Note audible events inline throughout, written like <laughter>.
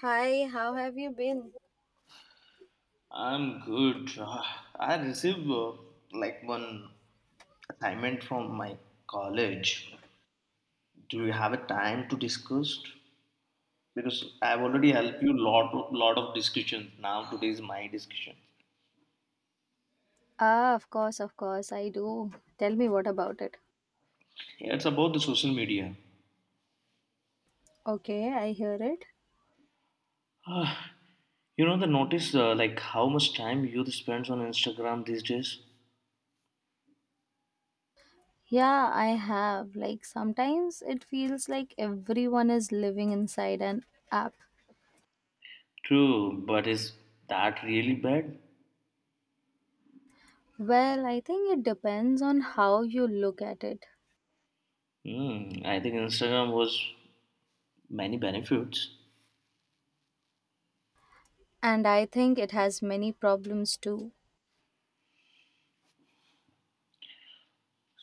Hi, how have you been? I'm good. I received like one assignment from my college. Do you have a time to discuss? Because I've already helped you lot of discussions. Now today is my discussion. Ah, of course, I do. Tell me what about it. Yeah, it's about the social media. Okay, I hear it. Ah, you know the notice like how much time youth spends on Instagram these days. Yeah, I have. Like, sometimes it feels like everyone is living inside an app. True, but is that really bad? Well, I think it depends on how you look at it. Hmm, I think Instagram was many benefits. And I think it has many problems too.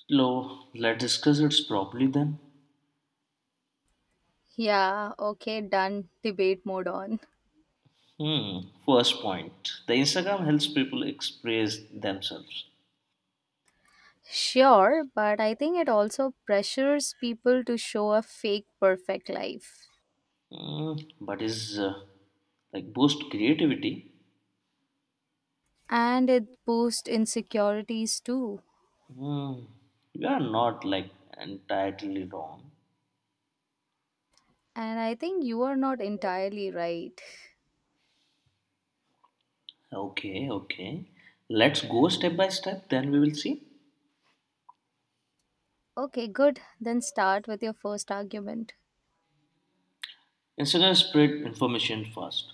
So let's discuss it properly then. Yeah, okay, done. Debate mode on. Hmm. First point. The Instagram helps people express themselves. Sure, but I think it also pressures people to show a fake perfect life. Hmm. But is like boost creativity. And it boosts insecurities too. Hmm. You are not like entirely wrong. And I think you are not entirely right. Okay, okay. Let's go step by step, then we will see. Okay, good. Then start with your first argument. Instagram spread information fast.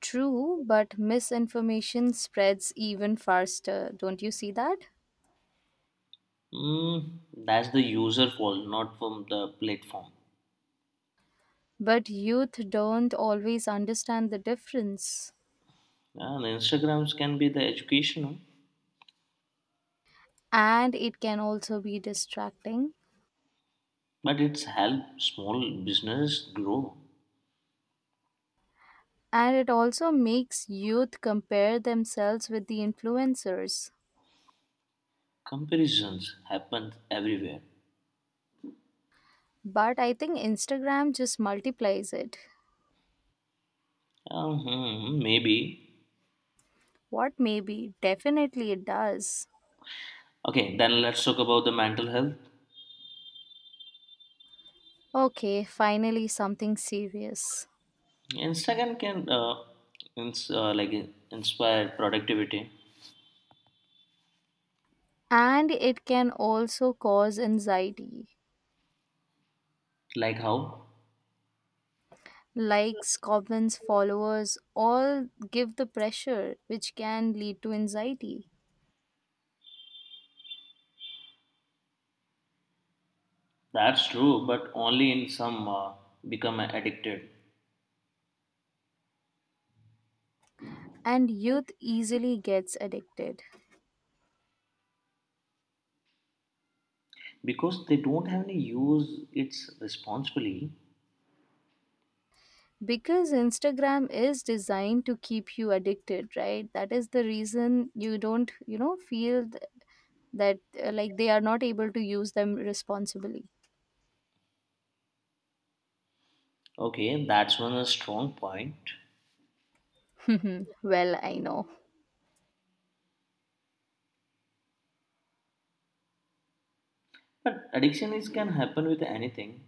True, but misinformation spreads even faster. Don't you see that? Mm, that's the user fault, not from the platform. But youth don't always understand the difference. Yeah, the Instagrams can be the educational, And it can also be distracting. but it's help small business grow. And it also makes youth compare themselves with the influencers. Comparisons happen everywhere. But I think Instagram just multiplies it. Maybe. What maybe? Definitely it does. Okay, then let's talk about the mental health. Okay, finally something serious. Instagram can like inspire productivity. And it can also cause anxiety. Like how? Likes, comments, followers all give the pressure, which can lead to anxiety. That's true, but only in some become addicted And youth easily gets addicted because they don't have any use its responsibly. because Instagram is designed to keep you addicted, right? That is the reason you don't, you know, feel th- that like they are not able to use them responsibly. Okay, that's one strong point. <laughs> Well, I know. But addiction is can happen with anything.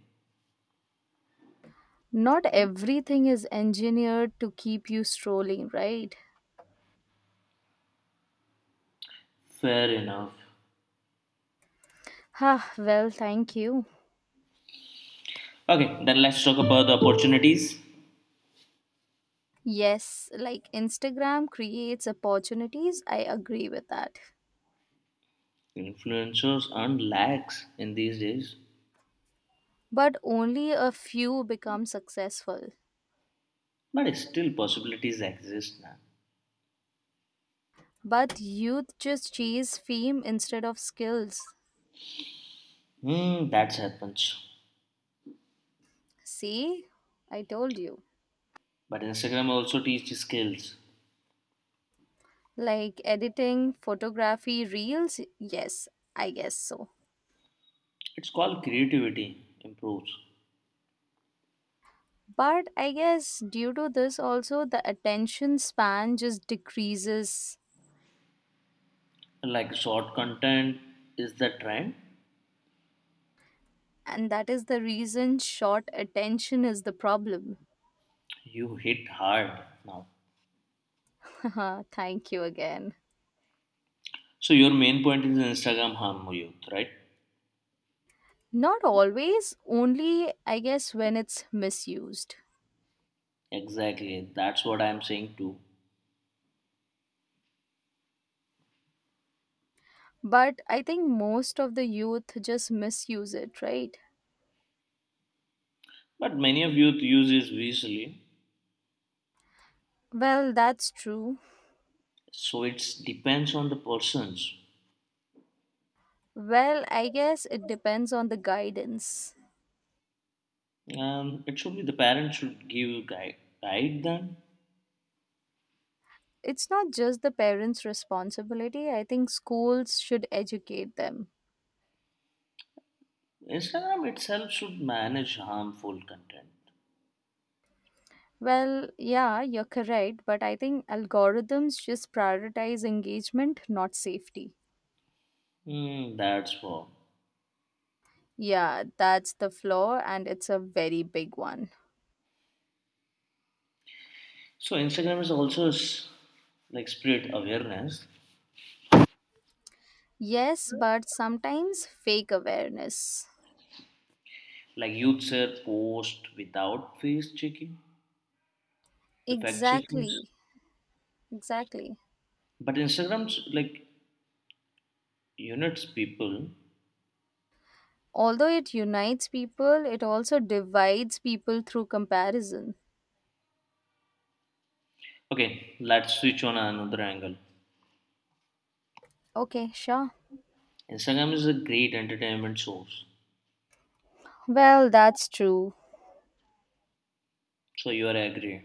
Not everything is engineered to keep you strolling, right? Fair enough. Ah, well, thank you. Okay, then let's talk about the opportunities. Yes, like Instagram creates opportunities, I agree with that. Influencers earn lakhs in these days, But only a few become successful. but still possibilities exist now. But youth just chase fame instead of skills. Hmm, that happens. See? I told you. But Instagram also teaches skills. Like editing, photography, reels? Yes, I guess so. It's called creativity improves. But I guess due to this, also the attention span just decreases. Like short content is the trend. And that is the reason short attention is the problem. You hit hard now. <laughs> Thank you again. So your main point is Instagram harm youth, right? Not always, only I guess when it's misused. Exactly. That's what I'm saying too. But I think most of the youth just misuse it, right? But many of youth use it visually, Well, that's true. so it depends on the persons. Well, I guess it depends on the guidance. It should be the parents should give guide them. It's not just the parents' responsibility. I think schools should educate them. Instagram itself should manage harmful content. Well, yeah, you're correct, but I think algorithms just prioritize engagement, not safety. Hmm, that's what. Yeah, that's the flaw, and it's a very big one. So Instagram is also like spread awareness. Yes, but sometimes fake awareness. Like youth share post without face checking, the fact checkings. Exactly, exactly. But Instagram's like units people. Although it unites people, it also divides people through comparison. Okay, let's switch on another angle. Okay, sure. Instagram is a great entertainment source. Well, that's true. So you are agree.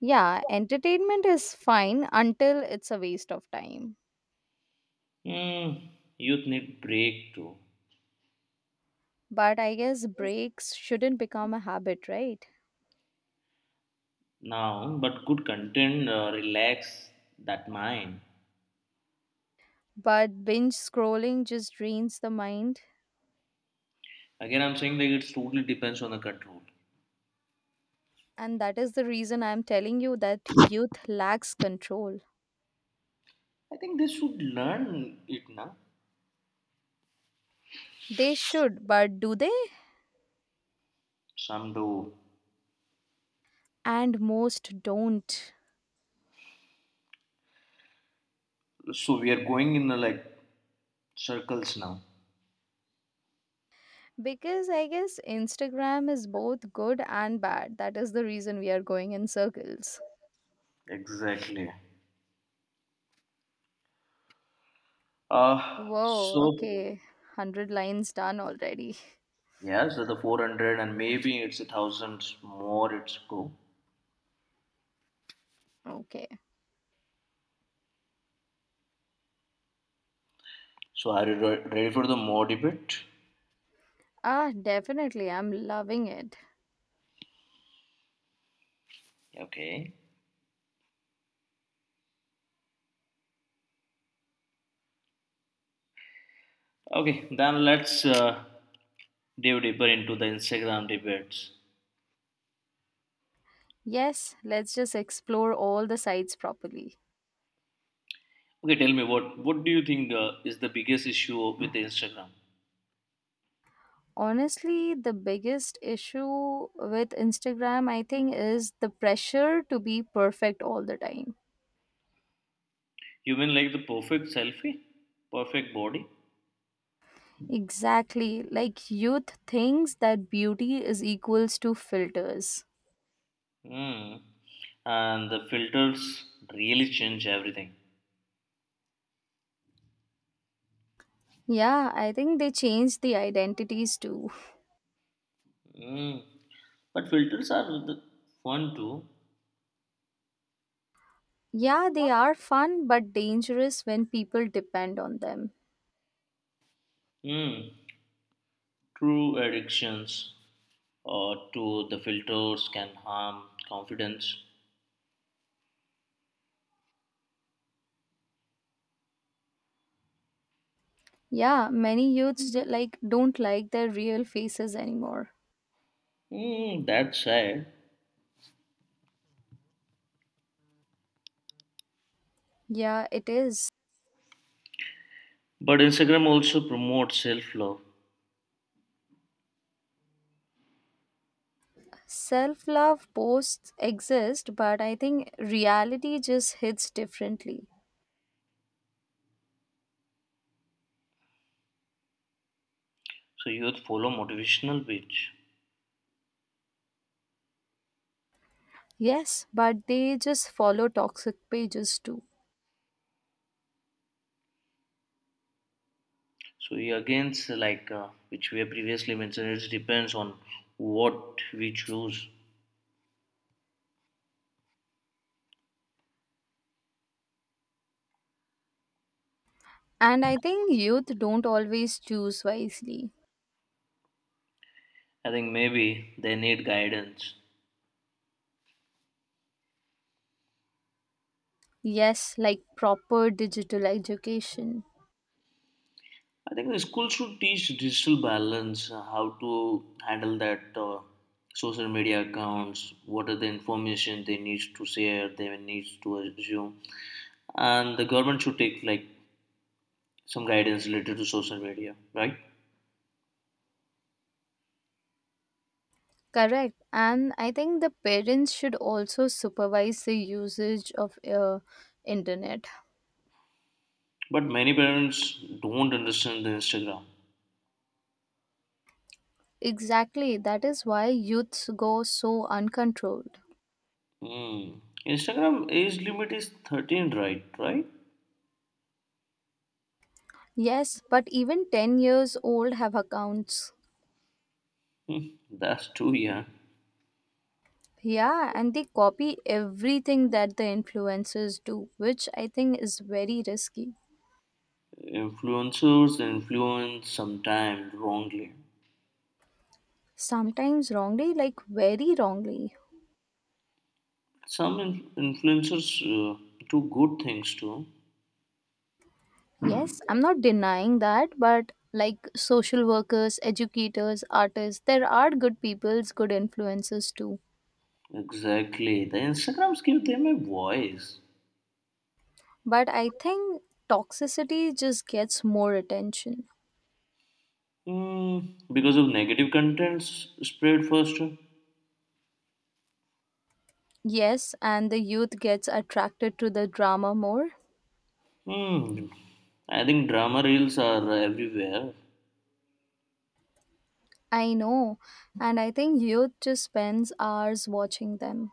Yeah, entertainment is fine until it's a waste of time. Hmm, youth need break too. But I guess breaks shouldn't become a habit, right? Now, but good content relax that mind. But binge scrolling just drains the mind. Again, I'm saying that it totally depends on the control. And that is the reason I'm telling you that youth lacks control. I think they should learn it now. They should, but do they? Some do. And most don't. So we are going in the, like circles now. Because I guess Instagram is both good and bad. That is the reason we are going in circles. Exactly. Uh Whoa, okay. so 100 lines done already. <laughs> yeah, so the 400 and maybe it's a thousand more. It's go. Okay. So are you ready for the more debate? Ah, definitely. I'm loving it. Okay. Okay. Then let's dive deeper into the Instagram debates. Yes, let's just explore all the sites properly. Okay, tell me what do you think is the biggest issue with the Instagram? Honestly, the biggest issue with Instagram, I think, is the pressure to be perfect all the time. You mean like the perfect selfie, perfect body, Exactly. Like youth thinks that beauty is equals to filters. mm. And the filters really change everything. Yeah, I think they changed the identities too. Mm. But filters are the fun too. Yeah, they are fun but dangerous when people depend on them. Mm. True addictions to the filters can harm confidence. Yeah, many youths like don't like their real faces anymore. Mm, that's sad. Yeah, it is. But Instagram also promotes self love. Self love posts exist, but I think reality just hits differently. So youth follow motivational page. Yes, but they just follow toxic pages too. So yeah, again, which we have previously mentioned, it depends on what we choose. And I think youth don't always choose wisely. I think maybe they need guidance. Yes, like proper digital education. I think the school should teach digital balance, how to handle that social media accounts, what are the information they need to share, they need to assume, and the government should take like some guidance related to social media, right? Correct. And I think the parents should also supervise the usage of internet. But many parents don't understand the Instagram. Exactly. That is why youths go so uncontrolled. Hmm. Instagram age limit is 13, right? Right? Yes, but even 10 years old have accounts. Hmm. That's too young. Yeah, and they copy everything that the influencers do, which I think is very risky. Influencers influence sometimes wrongly. Sometimes wrongly, like very wrongly. Some influencers do good things too. Yes, I'm not denying that, but like social workers, educators, artists, there are good people's good influencers too. Exactly. The Instagrams give them a voice. But I think toxicity just gets more attention. Hmm. Because of negative contents spread faster. Yes, and the youth gets attracted to the drama more. Hmm. I think drama reels are everywhere. I know, and I think youth just spends hours watching them.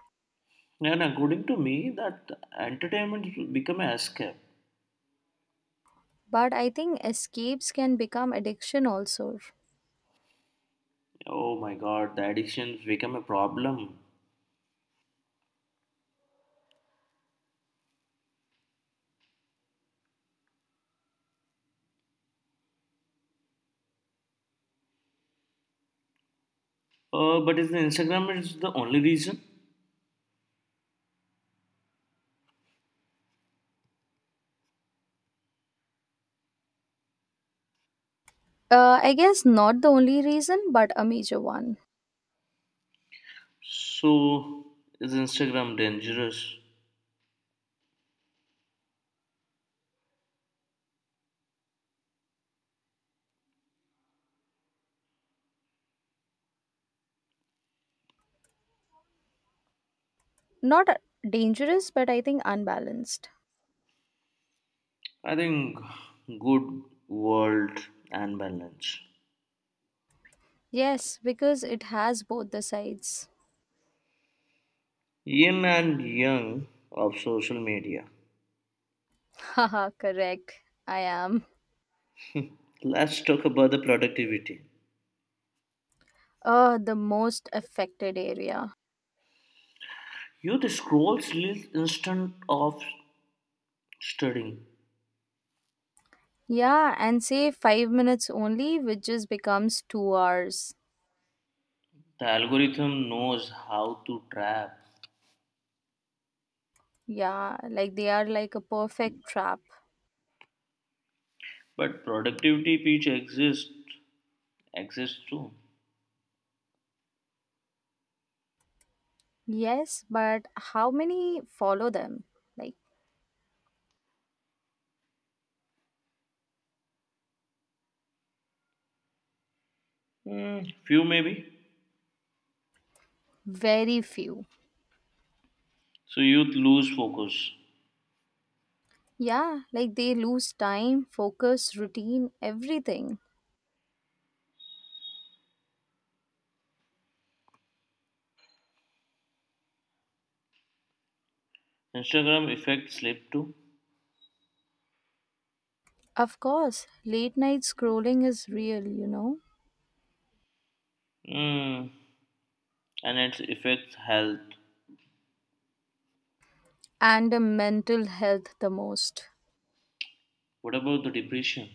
And according to me, that entertainment become an escape. But I think escapes can become addiction also. Oh my god, the addictions become a problem. But is the Instagram is the only reason? I guess not the only reason, but a major one. So is Instagram dangerous? Not dangerous, but I think unbalanced. I think good world and balance. Yes, because it has both the sides. Yin and yang of social media. <laughs> Haha, correct. I am. Let's talk about the productivity. The most affected area. You the scrolls leads instant of studying. Yeah, and say 5 minutes only, which just becomes 2 hours. The algorithm knows how to trap, Yeah, like they are like a perfect trap. but productivity pitch exists too. Yes, but how many follow them? Like, Mm, few maybe. very few. So youth lose focus. Yeah, like they lose time, focus, routine, everything. Instagram affects sleep too. Of course, late night scrolling is real, you know, Hmm. And it affects health. and mental health the most. What about the depression,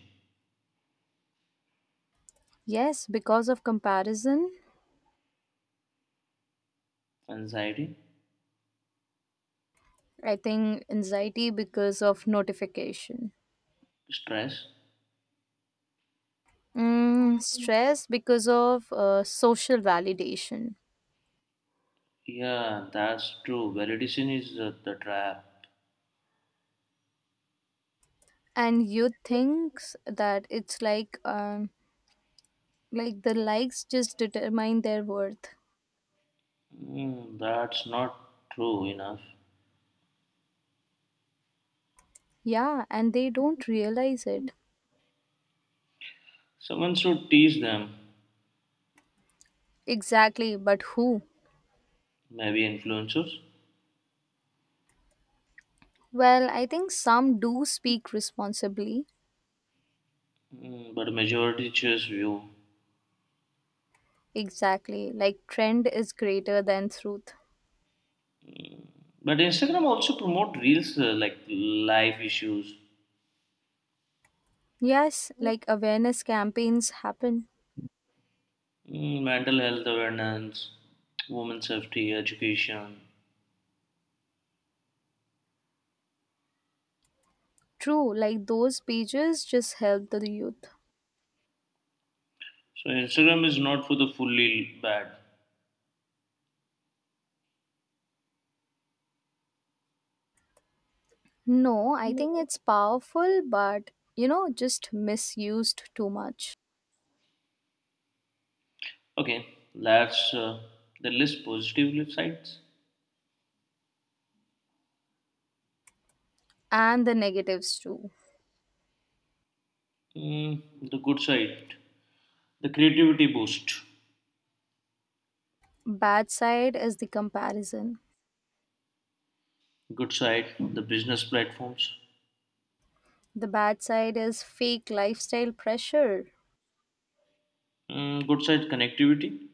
Yes, because of comparison, anxiety, I think anxiety because of notification, stress? mm, stress because of social validation. Yeah, that's true. Validation is the trap. And you think that it's like the likes just determine their worth. Hmm. That's not true enough. Yeah, and they don't realize it. Someone should teach them. Exactly, but who? Maybe influencers. Well, I think some do speak responsibly. Mm, but majority choose view. Exactly, like trend is greater than truth. But Instagram also promote reels like life issues, Yes, like awareness campaigns happen. mm, mental health awareness, women's safety, education. True, like those pages just help the youth. So Instagram is not for the fully bad. No, I think it's powerful, but you know, just misused too much. Okay, let's the list positive sides. And the negatives too. Mm, the good side, the creativity boost. Bad side is the comparison. Good side, the business platforms. The bad side is fake lifestyle pressure, Mm, good side, connectivity.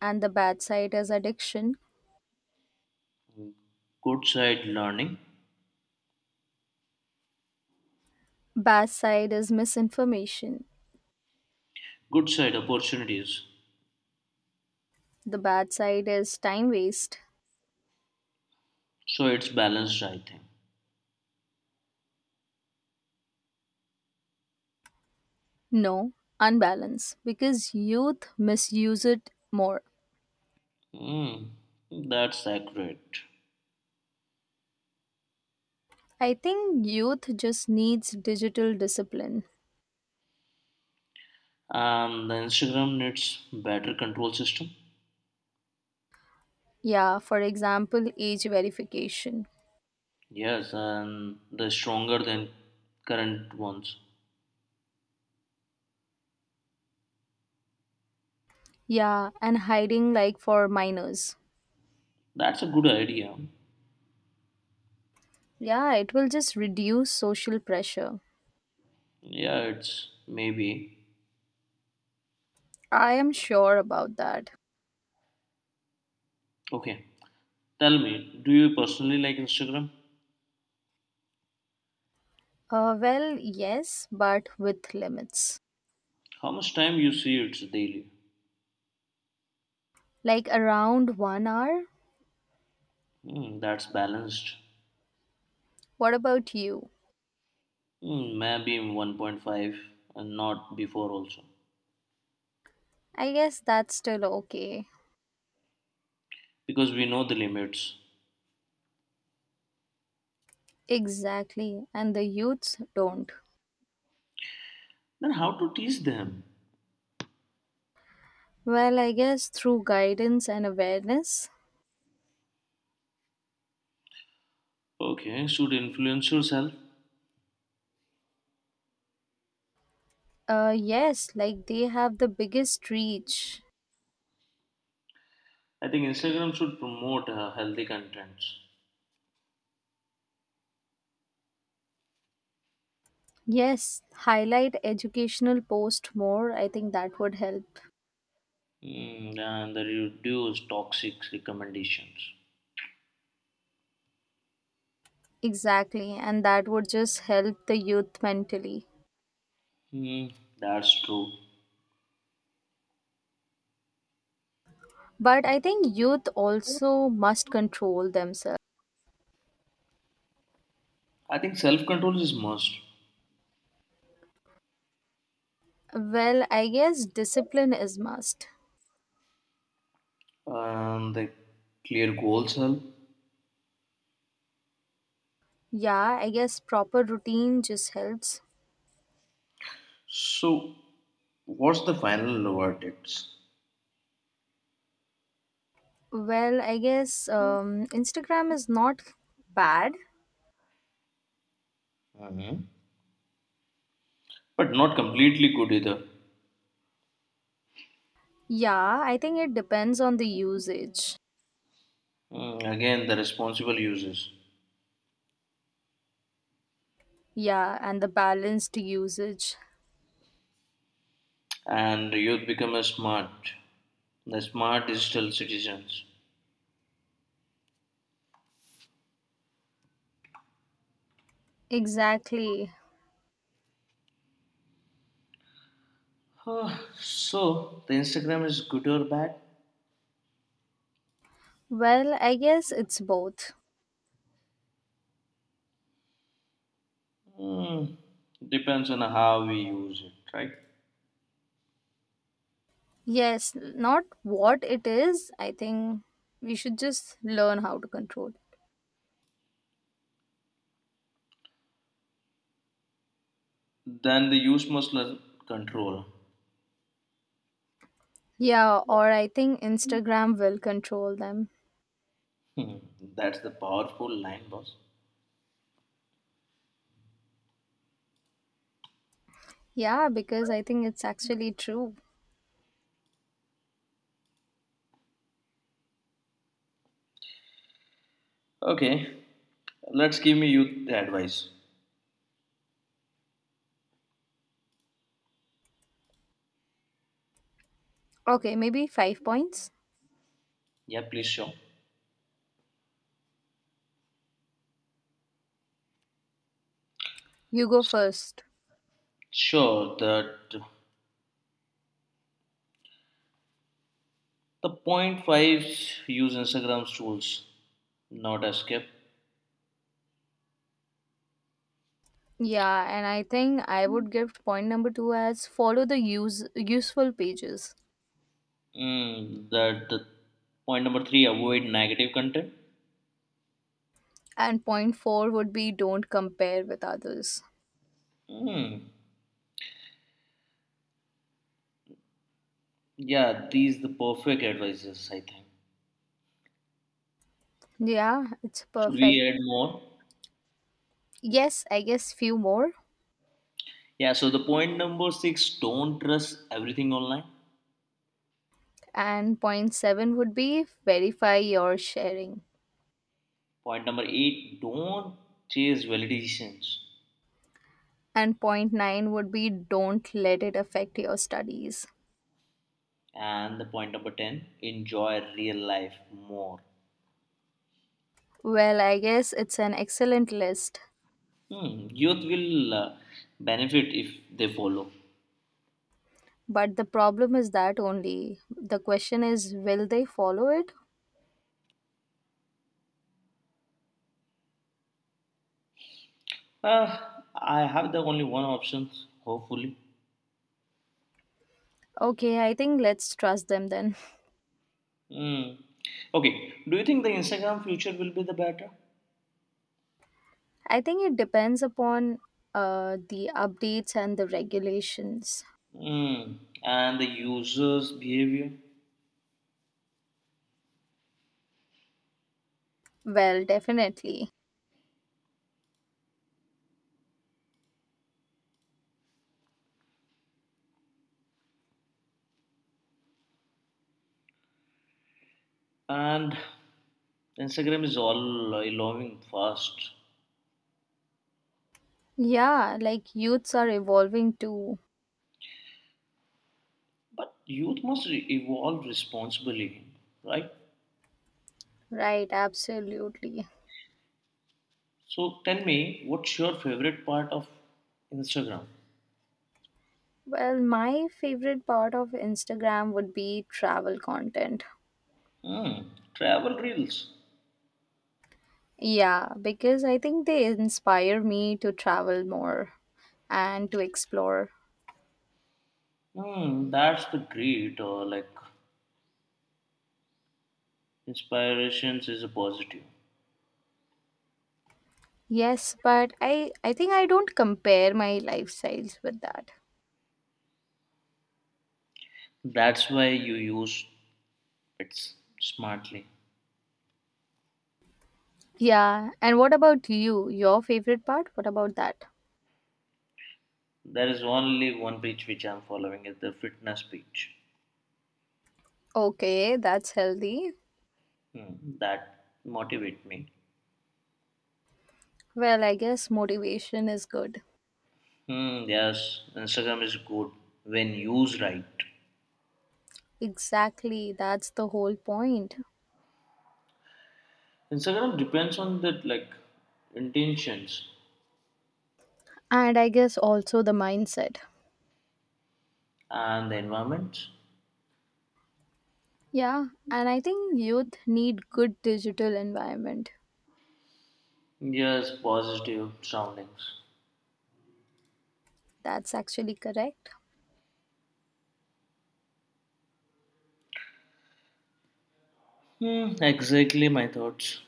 and the bad side is addiction. Good side, learning. Bad side is misinformation. Good side, opportunities. The bad side is time waste. So it's balanced, I think. No, unbalance because youth misuse it more. Mm, that's accurate. I think youth just needs digital discipline. The Instagram needs better control system. Yeah, for example, age verification. Yes, and they're stronger than current ones. Yeah, and hiding like for minors. That's a good idea. Yeah, it will just reduce social pressure. Yeah, it's maybe. I am sure about that. Okay. Tell me, do you personally like Instagram? Well, yes, but with limits. How much time you see it daily? Like around 1 hour? Hmm, that's balanced. What about you? Hmm, maybe in 1.5 and not before also. I guess that's still okay. Because we know the limits. Exactly, and the youths don't. Then how to teach them? Well, I guess through guidance and awareness. Okay, should influencers help? Yes, like they have the biggest reach. I think Instagram should promote healthy contents. Yes, highlight educational post more. I think that would help. Mm, and the reduce toxic recommendations. Exactly, and that would just help the youth mentally. Hmm, that's true. But I think youth also must control themselves. I think self control is must, Well, I guess discipline is must. and the clear goals help. Yeah, I guess proper routine just helps. So, what's the final verdicts? Well, I guess Instagram is not bad. Mhm. But not completely good either. Yeah, I think it depends on the usage. Mm, again, the responsible users Yeah, and the balanced usage. and youth become a smart, the smart digital citizens. Exactly. <sighs> Huh, so the Instagram is good or bad? Well, I guess it's both. Hmm, depends on how we use it, right? Yes, not what it is. I think we should just learn how to control. Then the use must learn control. Yeah, or I think Instagram will control them. Hmm, that's the powerful line, boss. Yeah, because I think it's actually true. Okay, let's give me you the advice. Okay, maybe five points. Yeah, please show. You go first. Sure, that the point fives use Instagram's tools, not escape. Yeah, and I think I would give point number two as follow the use useful pages. Mm, that the point number three avoid negative content. And point four would be don't compare with others. Hmm. Yeah, these the perfect advices I think. Yeah, it's Should we perfect. add more? Yes, I guess few more. Yeah, so the point number six don't trust everything online. And point seven would be verify your sharing. Point number eight don't chase validations. And point nine would be don't let it affect your studies. And the point number 10 enjoy real life more. Well, I guess it's an excellent list. Hmm, youth will benefit if they follow. But the problem is that only. The question is, will they follow it? Uh, I have the only one option, hopefully. Okay, I think let's trust them then. Hmm. Okay, do you think the Instagram future will be the better? <laughs> I think it depends upon the updates and the regulations. Hmm. And the users' behavior. Well, definitely. And Instagram is all evolving fast. Yeah, like youths are evolving too. But youth must evolve responsibly, right? Right, absolutely. So tell me, what's your favorite part of Instagram? Well, my favorite part of Instagram would be travel content. Hmm, travel reels. Yeah, because I think they inspire me to travel more and to explore. Hmm, that's the great or like inspirations is a positive. Yes, but I think I don't compare my lifestyles with that. That's why you use it smartly. Yeah, and what about you? Your favorite part? What about that? There is only one page which I'm following is the fitness page. Okay, that's healthy. Hmm, that motivate me. Well, I guess motivation is good. Hmm, yes, Instagram is good when used right. Exactly, that's the whole point. Instagram depends on that like intentions And I guess also the mindset. and the environment. Yeah, and I think youth need good digital environment. Yes, positive surroundings. That's actually correct. Hmm, exactly my thoughts.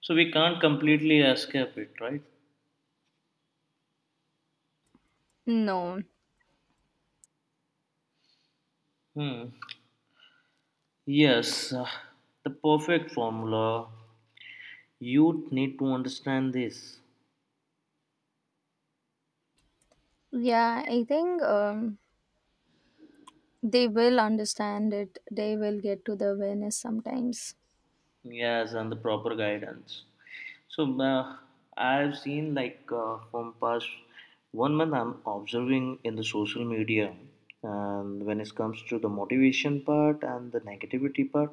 So we can't completely escape it, right? No. Hmm. Yes, the perfect formula. You need to understand this. Yeah, I think they will understand it. They will get to the awareness sometimes. Yes, and the proper guidance. So I've seen from past 1 month I'm observing in the social media, and when it comes to the motivation part and the negativity part,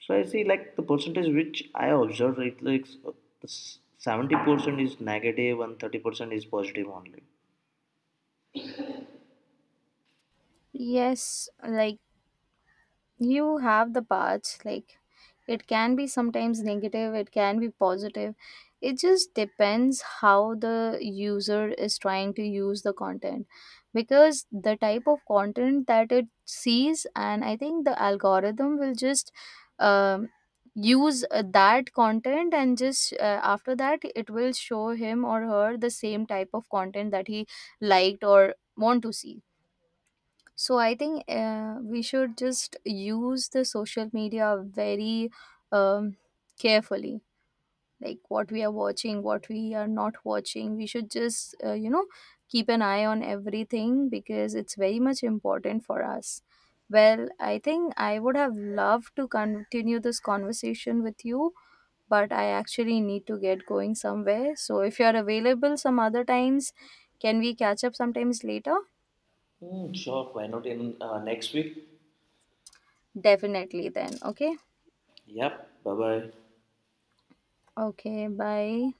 so I see like the percentage which I observe it like 70% is negative and 30% is positive only. Yes, like you have the parts, like it can be sometimes negative, it can be positive. It just depends how the user is trying to use the content because the type of content that it sees, and I think the algorithm will just um, use that content and just after that it will show him or her the same type of content that he liked or want to see, so I think we should just use the social media very um, carefully, like what we are watching, what we are not watching. We should just, keep an eye on everything because it's very much important for us. Well, I think I would have loved to continue this conversation with you, but I actually need to get going somewhere. So if you're available some other times, can we catch up sometimes later? Hmm, sure, why not in next week? Definitely then, okay? Yep, bye bye. Okay, bye.